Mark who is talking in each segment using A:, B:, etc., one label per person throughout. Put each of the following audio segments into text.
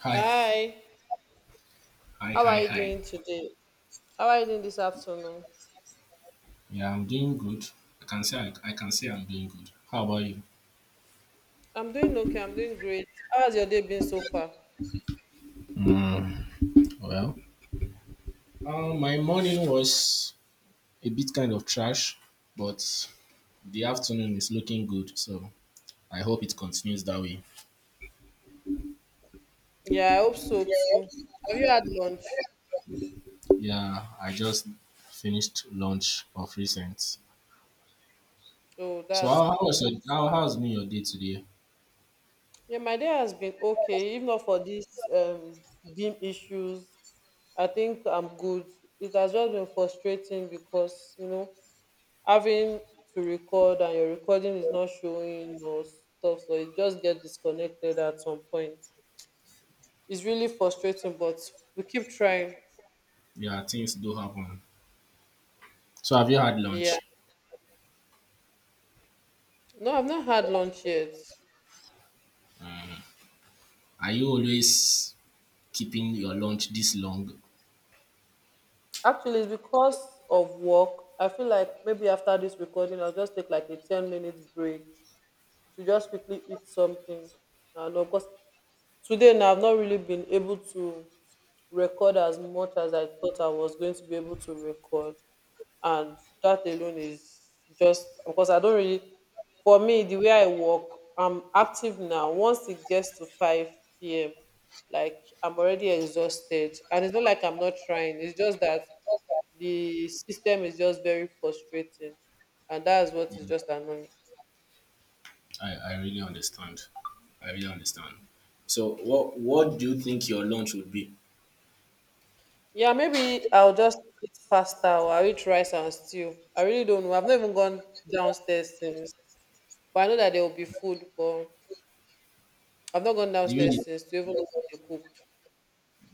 A: Hi,
B: Hi,
A: hi,
B: how
A: hi,
B: are you
A: hi.
B: doing today? How are you doing this afternoon?
A: Yeah, I'm doing good. I can say I can say I'm doing good. How about you?
B: I'm doing okay, I'm doing great. How has your day been so far?
A: Well, my morning was a bit kind of trash, but the afternoon is looking good. So I hope it continues that way.
B: Yeah, I hope so too. Have you had lunch?
A: Yeah, I just finished lunch of recent.
B: Oh,
A: So
B: that's
A: how was
B: cool.
A: your, how's been your day today?
B: Yeah, my day has been okay. If not for these beam issues, I think I'm good. It has just been frustrating because, you know, having to record and your recording is not showing or stuff, so it just get disconnected at some point. It's really frustrating, but we keep trying.
A: Yeah, things do happen. So have you had
B: Yeah.
A: lunch?
B: No, I've not had lunch yet.
A: Are you always keeping your lunch this long?
B: Actually, it's because of work. I feel like maybe after this recording, I'll just take like a 10-minute break to just quickly eat something. I don't know, because today now I've not really been able to record as much as I thought I was going to be able to record, and that alone is just because I don't really, for me the way I work, I'm active. Now once it gets to 5 p.m., like, I'm already exhausted, and it's not like I'm not trying, it's just that the system is just very frustrating, and that's what is just annoying.
A: I really understand. I really understand. So what do you think your lunch would be?
B: Yeah, maybe I'll just eat pasta or I'll eat rice and stew. I really don't know. I've not even gone downstairs since. But I know that there will be food, but I've not gone
A: The way
B: downstairs
A: you,
B: since to even know what they cooked.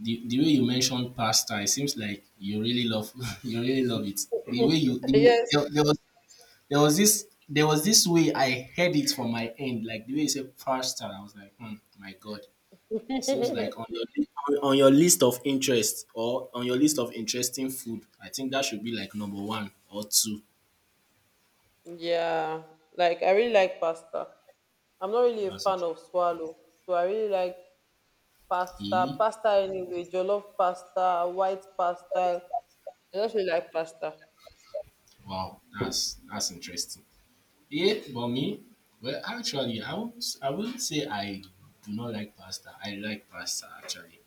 A: the way you mentioned pasta, it seems like you really love you really love it. The way you the,
B: Yes.
A: there, there was this way I heard it from my end, like the way you said pasta, I was like, hmm, my God. It seems like on your on your list of interest or on your list of interesting food, I think that should be like number one or two.
B: Yeah. Like, I really like pasta. I'm not really a
A: That's
B: fan
A: interesting.
B: of swallow. So I really like pasta.
A: E-
B: Pasta anyway, jollof pasta, white pasta. I just really like pasta.
A: Wow, that's interesting. Yeah, for me, well, actually, I wouldn't say I do not like pasta. I like pasta actually,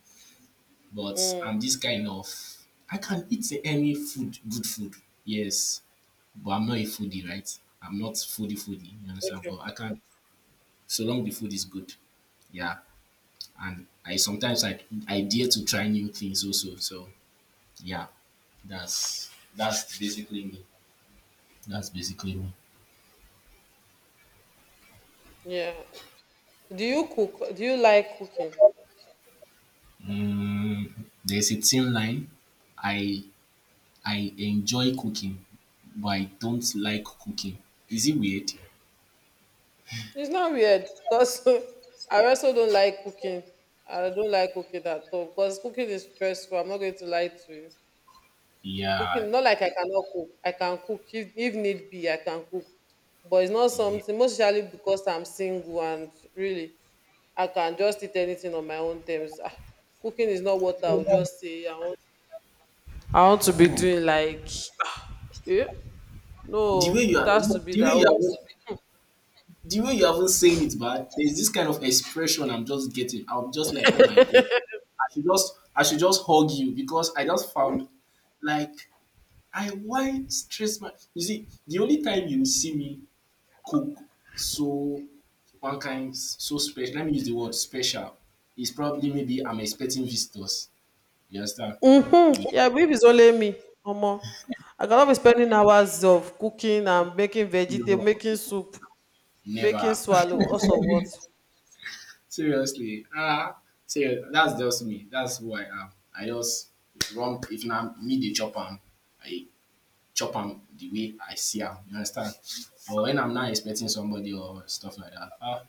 A: but
B: Mm.
A: I'm this kind of I can eat any food, good food. Yes, but I'm not a foodie, right? I'm not foodie foodie. You understand? But
B: Okay.
A: I can so long the food is good. Yeah, and I sometimes I dare to try new things also. So yeah, that's that's basically me. That's basically me.
B: Yeah. Do you cook? Do you like cooking?
A: Mm, there's a thin line. I I enjoy cooking, but I don't like cooking. Is it weird?
B: It's not weird because I also don't like cooking. I don't like cooking at all because cooking is stressful. I'm not going to lie to you.
A: Yeah.
B: Cooking, not like I cannot cook. I can cook if need be. I can cook, but it's not
A: Yeah.
B: something. Mostly because I'm single and really, I can just eat anything on my own terms. Ah, cooking is not what I would just say. I want to be
A: Hmm.
B: doing like, yeah.
A: The way
B: No,
A: you
B: it
A: are,
B: has to be
A: the way
B: that
A: you are, the way you haven't saying it, but there's this kind of expression I'm just getting. I'm just like, oh my god, I should just hug you because I just found like I why stress my. You see, the only time you see me cook so one kind so special. Let me use the word special. Is probably maybe I'm expecting visitors. You understand? Yeah,
B: yeah, if it's only me, omo, I cannot be spending hours of cooking and making vegetable,
A: no,
B: making soup, making
A: never.
B: swallow, cause of what?
A: Seriously. Ah, serious. That's just me. That's who I am. I just run. If na me the chop am, I chop am the way I see am. You understand? But when I'm not expecting somebody or stuff like that, ah,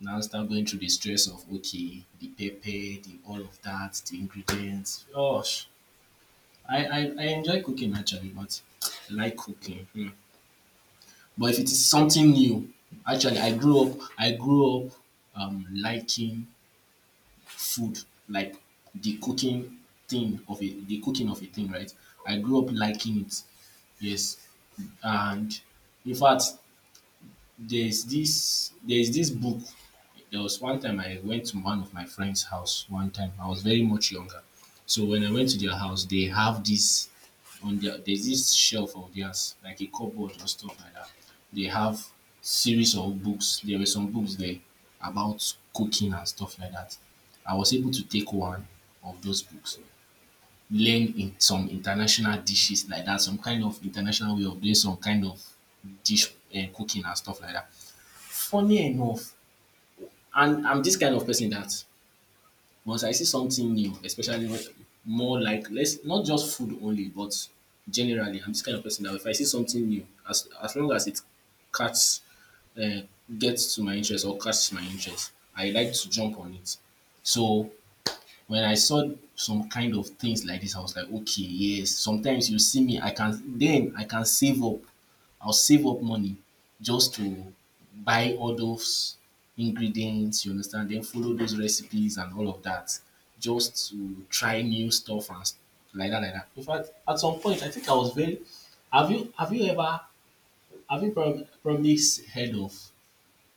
A: now start going through the stress of okay, the pepper, the all of that, the ingredients. Gosh, I enjoy cooking actually, but I like cooking. Hmm. But if it is something new, actually I grew up liking food, like the cooking thing of it, the cooking of a thing, right? I grew up liking it. Yes. And in fact there's this book. There was one time I went to one of my friend's house one time. I was very much younger. So when I went to their house, they have this on their there's this shelf of theirs, like a cupboard or stuff like that. They have series of books. There were some books there about cooking and stuff like that. I was able to take one of those books, learn in some international dishes like that, some kind of international way of doing some kind of dish and cooking and stuff like that. Funny enough, and I'm this kind of person that once I see something new, especially when more like let's not just food only, but generally, I'm this kind of person that if I see something new, as long as it catch uh, gets to my interest or catches my interest, I like to jump on it. So when I saw some kind of things like this, I was like, okay, yes. Sometimes you see me, I can save up I'll save up money just to buy all those ingredients, you understand, then follow those recipes and all of that just to try new stuff like that, like that. In fact, at some point, I think I was very. Have you ever have you prob- probably s- heard of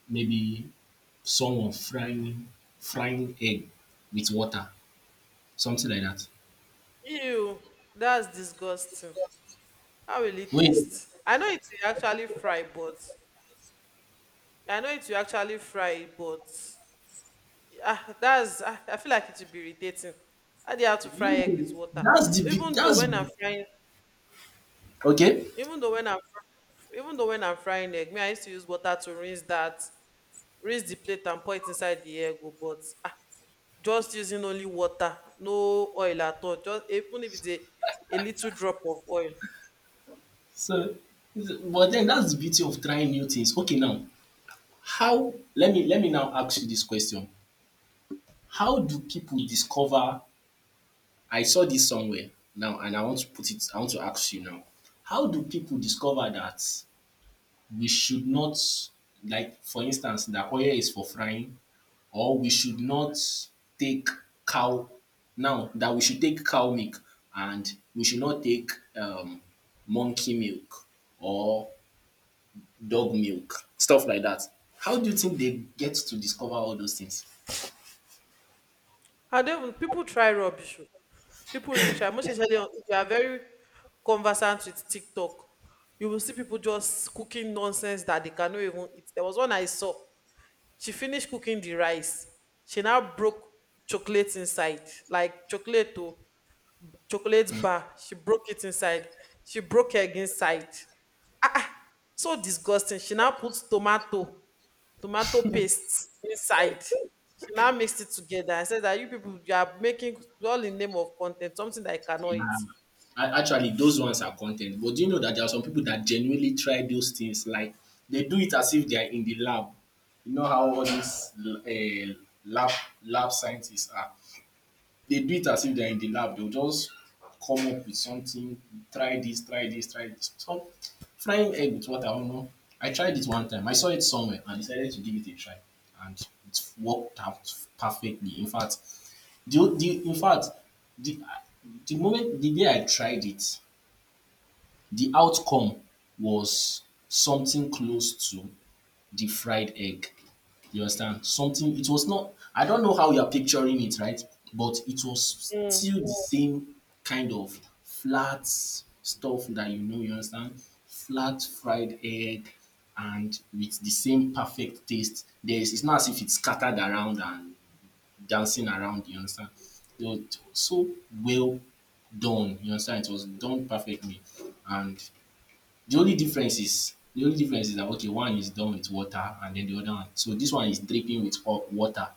A: maybe someone frying egg with water, something like that?
B: Ew, that's disgusting. How will it
A: Wait,
B: taste? I know it will actually fry, but I know it will actually fry, but ah, that's ah, I feel like it will be irritating. How do you have to fry egg with
A: you,
B: water?
A: that's the big
B: even though
A: that's
B: when i'm frying
A: okay.
B: even though when i'm fry- Even though when I'm frying egg, me, I used to use water to rinse that, raise the plate and pour it inside the air go, but ah, just using only water, no oil at all, just even if it's a little drop of oil.
A: So, is but then that's the beauty of trying new things. Okay, now how? Let me now ask you this question: how do people discover? I saw this somewhere now, and I want to put it. I want to ask you now: how do people discover that we should not, like for instance, that oil is for frying, or we should not take cow? Now that we should take cow milk, and we should not take um, monkey milk, or dog milk, stuff like that. How do you think they get to discover all those things?
B: And even people try rubbish o. People really try, most especially on- if you are very conversant with TikTok, you will see people just cooking nonsense that they cannot even eat. There was one I saw. She finished cooking the rice. She now broke chocolate inside, like chocolate o, chocolate bar, she broke it inside. She broke egg inside. So disgusting. She now puts tomato paste inside. She now mixed it together and said that you people, you are making all in name of content, something that I cannot
A: Yeah.
B: eat.
A: A- actually, those ones are content. But do you know that there are some people that genuinely try those things? Like they do it as if they are in the lab. You know how all these lab lab scientists are. They do it as if they're in the lab. They'll just come up with something, try this, try this, try this. So frying egg with water, I don't know. I tried it one time. I saw it somewhere and decided to give it a try. And it worked out perfectly. In fact, the the moment the day I tried it, the outcome was something close to the fried egg. You understand? Something, it was not, I don't know how you are picturing it, right? But it was
B: Mm.
A: still the same kind of flat stuff that you know, you understand? Flat fried egg and with the same perfect taste. There's, it's not as if it's scattered around and dancing around, you understand? It was so well done, you understand? It was done perfectly. And the only difference is that okay, one is done with water and then the other one. So this one is dripping with hot water,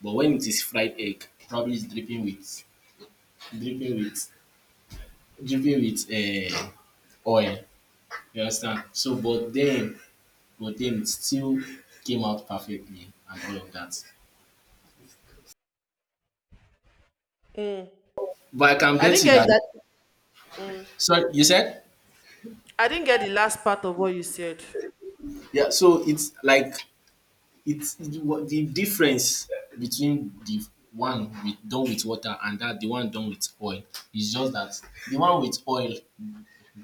A: but when it is fried egg, probably it's dripping with dripping with uh, oil. You understand? So but then it still came out perfectly and all of that. But I can
B: I
A: bet
B: didn't
A: you
B: get
A: that.
B: that. Mm.
A: So you said?
B: I didn't get the last part of what you said.
A: Yeah. So it's like it's the difference between the one with done with water and that the one done with oil is just that the one with oil,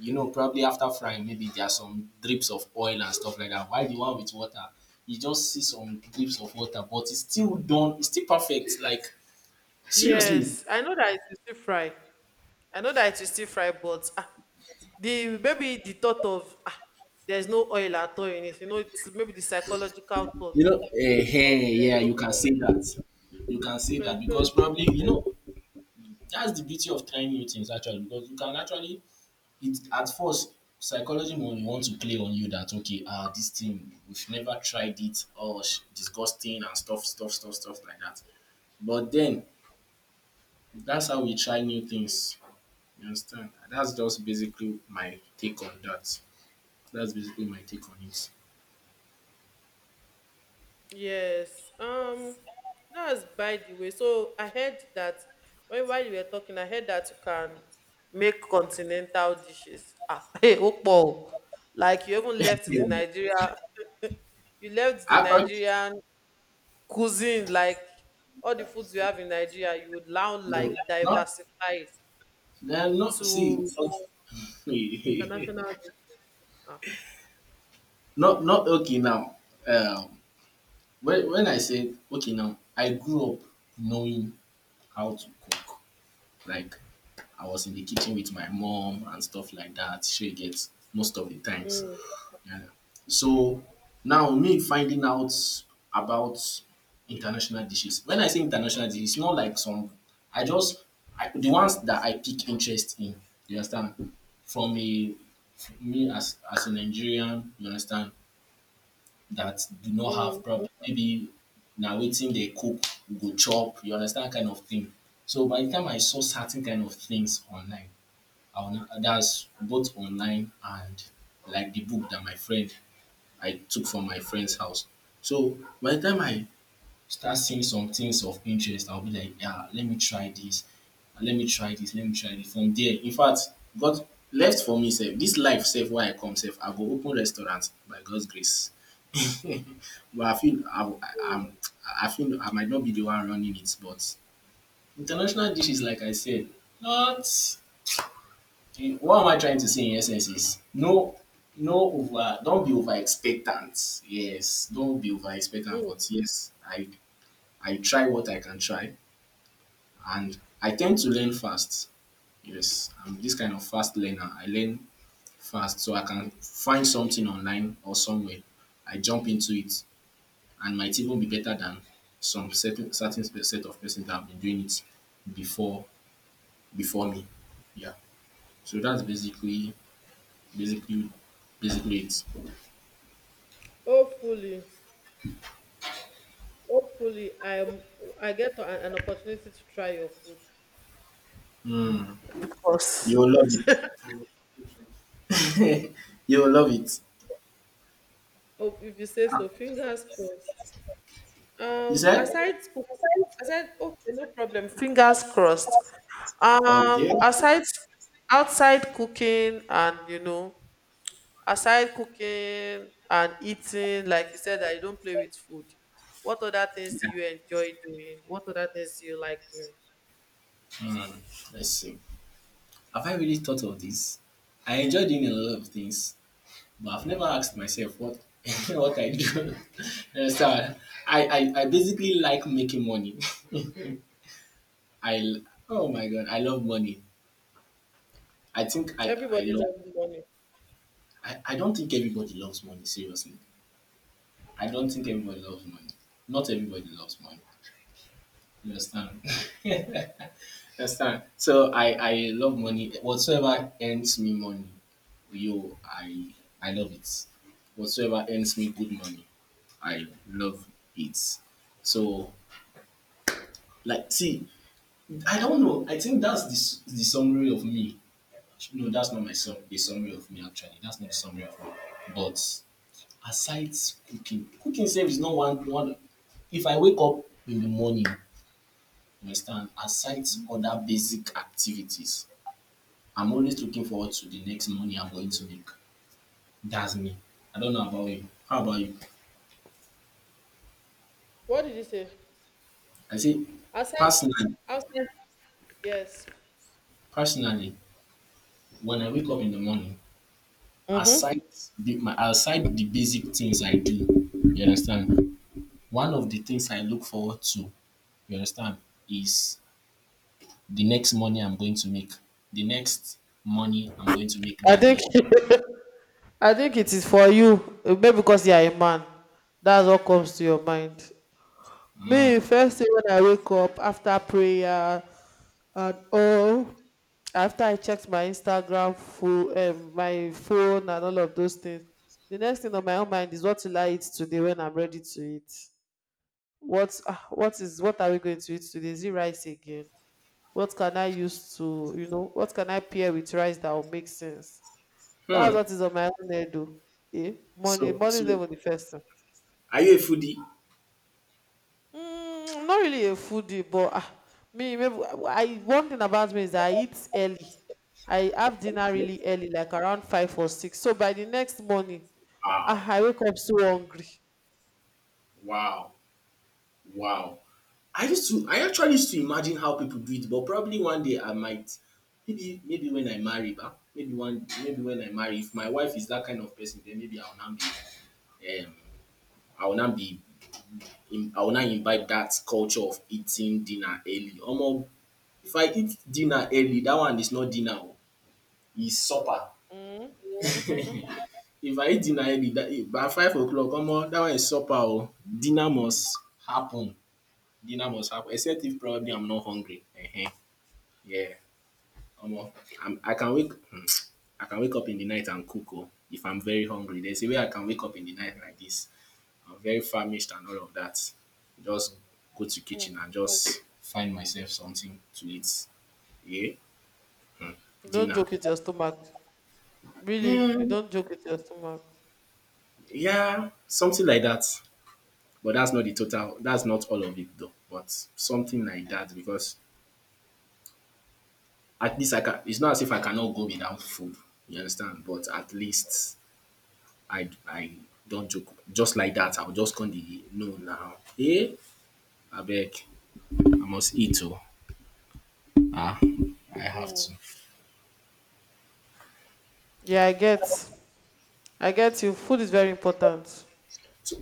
A: you know, probably after frying, maybe there are some drips of oil and stuff like that. While the one with water, you just see some drips of water, but it's still done, it's still perfect. Like seriously,
B: Yes, I know that it will still fry. I know that it will still fry, but ah, the maybe the thought of, ah, there's no oil at all in it. You know, it's maybe the psychological thought
A: you know, eh,
B: of
A: eh,
B: there's
A: yeah,
B: no
A: you can
B: oil.
A: say that. You can say that because
B: Mhm.
A: probably you know that's the beauty of trying new things actually because you can actually it at first psychology will want to play on you that okay, ah, this thing we've never tried it, or sh- disgusting and stuff, stuff, stuff, stuff like that. But then that's how we try new things. You understand? That's just basically my take on that. That's basically my take on it.
B: Yes. That's by the way. So I heard that, when while you were talking, I heard that you can make continental dishes. Ah, hey, Okpo. Like, you even left the Nigeria, you left the
A: I thought
B: Nigerian cuisine, like all the foods you have in Nigeria, you would now
A: no,
B: like
A: not
B: diversify it
A: no, not see
B: to
A: okay.
B: international dishes. Ah,
A: Not not okay now. Um, when I said okay now, I grew up knowing how to cook. Like I was in the kitchen with my mom and stuff like that. She gets most of the times.
B: mm,
A: Yeah. So now me finding out about international dishes. When I say international dishes, it's not like some I just the ones that I pick interest in. You understand? From a me as a Nigerian, you understand? That do not
B: mm,
A: have problem. Maybe now waiting they cook, you go chop, you understand kind of thing. So by the time I saw certain kind of things online, I will not, that's both online and like the book that my friend I took from my friend's house. So by the time I start seeing some things of interest I'll be like, yeah, let me try this, let me try this, let me try this. From there, in fact, God left for me sef, this life sef where I come sef, I go open restaurant by God's grace. But I feel I'm I feel I might not be the one running it, but international dishes like I said, not what am I trying to say in essence is no no over don't be over expectant. Yes, don't be over expectant
B: mm.
A: but yes I try what I can try and I tend to learn fast. Yes, I'm this kind of fast learner. I learn fast so I can find something online or somewhere. I jump into it and might even be better than some certain set of persons that have been doing it before before me. Yeah. So that's basically basically it.
B: Hopefully, hopefully, I get an opportunity to try your food. Of course.
A: You'll love it. You'll love it.
B: Oh, if you say so, fingers crossed.
A: You said?
B: Aside cooking, aside, okay, no problem. Fingers crossed.
A: Okay. Yeah.
B: Aside outside cooking and, you know, aside cooking and eating, like you said that you don't play with food. What other things do
A: Yeah.
B: you enjoy doing? What other things do you like doing?
A: Hmm. Let's see. Have I really thought of this? I enjoy doing a lot of things, but I've never asked myself what what I do. You understand? I basically like making money. I l- oh my god, I love money. I think I I
B: Everybody
A: love
B: loves money.
A: I don't think everybody loves money, seriously. I don't think everybody loves money. Not everybody loves money. You understand? Understand? So I love money. Whatsoever earns me money, yo, I love it. Whatsoever earns me good money, I love it. So like, see, I don't know. I think that's the summary of me. No, that's not my sum. The summary of me actually. That's not the summary of me. But aside cooking, cooking save is not one one. If I wake up in the morning, you understand? Aside other basic activities, I'm always looking forward to the next money I'm going to make. That's me. I don't know about you. How about you?
B: What did you say?
A: I say,
B: Outside,
A: personally,
B: outside. Yes.
A: personally, when I wake up in the morning,
B: Mm-hmm.
A: aside the, my aside the basic things I do, you understand? One of the things I look forward to, you understand, is the next money I'm going to make. The next money I'm going to make
B: I
A: that
B: think
A: day.
B: I think it is for you, maybe because you are a man. That's what comes to your mind. Me,
A: Mm.
B: first thing when I wake up after prayer and all, after I checked my Instagram, full, my phone, and all of those things, the next thing on my own mind is, what will I eat today when I'm ready to eat? What, ah, what is, what are we going to eat today? Is it rice again? What can I use to, you know, what can I pair with rice that will make sense? That's
A: Hmm.
B: what is on my own head though. Eh? Money,
A: So,
B: money is
A: so
B: never the first thing.
A: are you a foodie?
B: Mm, I'm not really a foodie, but ah, me, maybe, I one thing about me is that I eat early. I have dinner really early, like around five or six. So by the next morning, ah,
A: Wow,
B: I wake up so hungry.
A: wow, wow. I actually used to imagine how people do it, but probably one day I might. Maybe when I marry, bah, maybe when I marry, if my wife is that kind of person, then maybe I will not be I will not be I will not imbibe that culture of eating dinner early. Omo, if I eat dinner early, that one is not dinner o, is supper.
B: Mm. You
A: If I eat dinner early that eh by 5 o'clock, omo that one is supper o. Dinner must happen. Dinner must happen except if probably I'm not hungry. Ehen, yeah. Omo, I'm I can wake um I can wake up in the night and cook oh, if I'm very hungry. There's a way I can wake up in the night like this, I'm very famished and all of that, just go to kitchen and just find myself something to eat. Yeah,
B: don't
A: dinner.
B: joke with your stomach. Really, you don't joke with your stomach.
A: Yeah, something like that. But that's not all of it though, but something like that because at least I can it's not as if I cannot go without food, you understand, but at least I don't joke. Just like that, I'll just come the no now. Eh? I beg. I must eat oh. Ah, I have
B: Mm.
A: to.
B: Yeah, I get you. Food is very important.
A: So,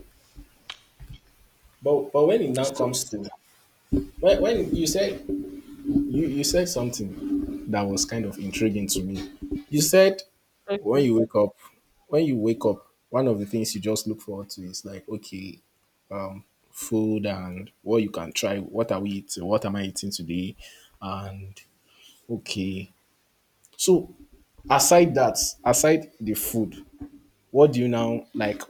A: but when it now
B: So,
A: comes to when you said you said something that was kind of intriguing to me. You said
B: okay.
A: when you wake up when you wake up, one of the things you just look forward to is like, okay, um, food and what you can try, what are we eating, what am I eating today? And okay, so aside that, aside the food, what do you now like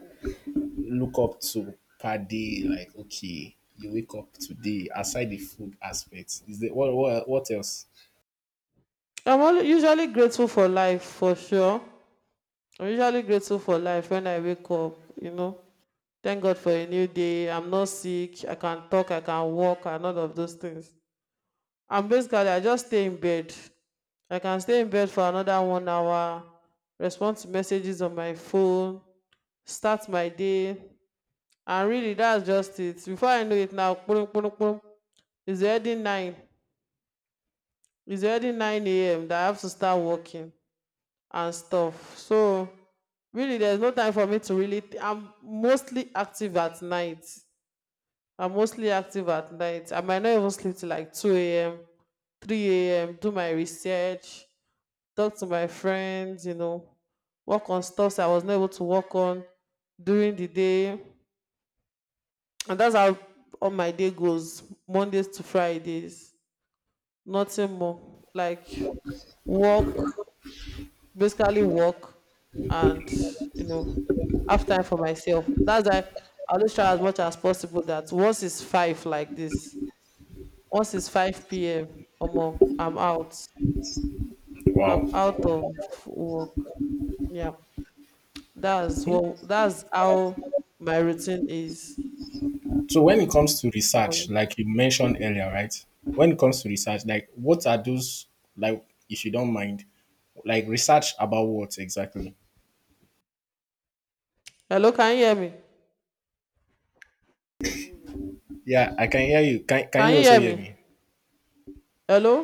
A: look up to per day? Like, okay, you wake up today, aside the food aspect, is there what what else?
B: I'm only usually grateful for life for sure. I'm usually grateful for life when I wake up, you know. Thank God for a new day. I'm not sick. I can talk, I can walk, and all of those things. I'm basically, I just stay in bed. I can stay in bed for another one hour, respond to messages on my phone, start my day. And really, that's just it. Before I know it now, kpurung, kpurung, kpurung, it's already 9. It's already 9 a.m. that I have to start working. And stuff. So really, there's no time for me to really. I'm mostly active at night. I'm mostly active at night. I might not even sleep till like 2 a.m., 3 a.m. Do my research, talk to my friends, you know, work on stuff I was not able to work on during the day, and that's how all my day goes. Mondays to Fridays, nothing more. Like, work, basically work, and, you know, have time for myself. That's why I always try as much as possible that once it's five like this, once it's 5 p.m. or more, I'm
A: Wow.
B: out of work. Yeah, that's how my routine is.
A: So when it comes to research, like you mentioned earlier, right? When it comes to research, like what are those like if you don't mind, like research about what exactly?
B: Hello, can you hear me?
A: Yeah, I can hear you. Can
B: Can
A: you
B: you
A: also
B: hear
A: hear
B: me?
A: me?
B: Hello.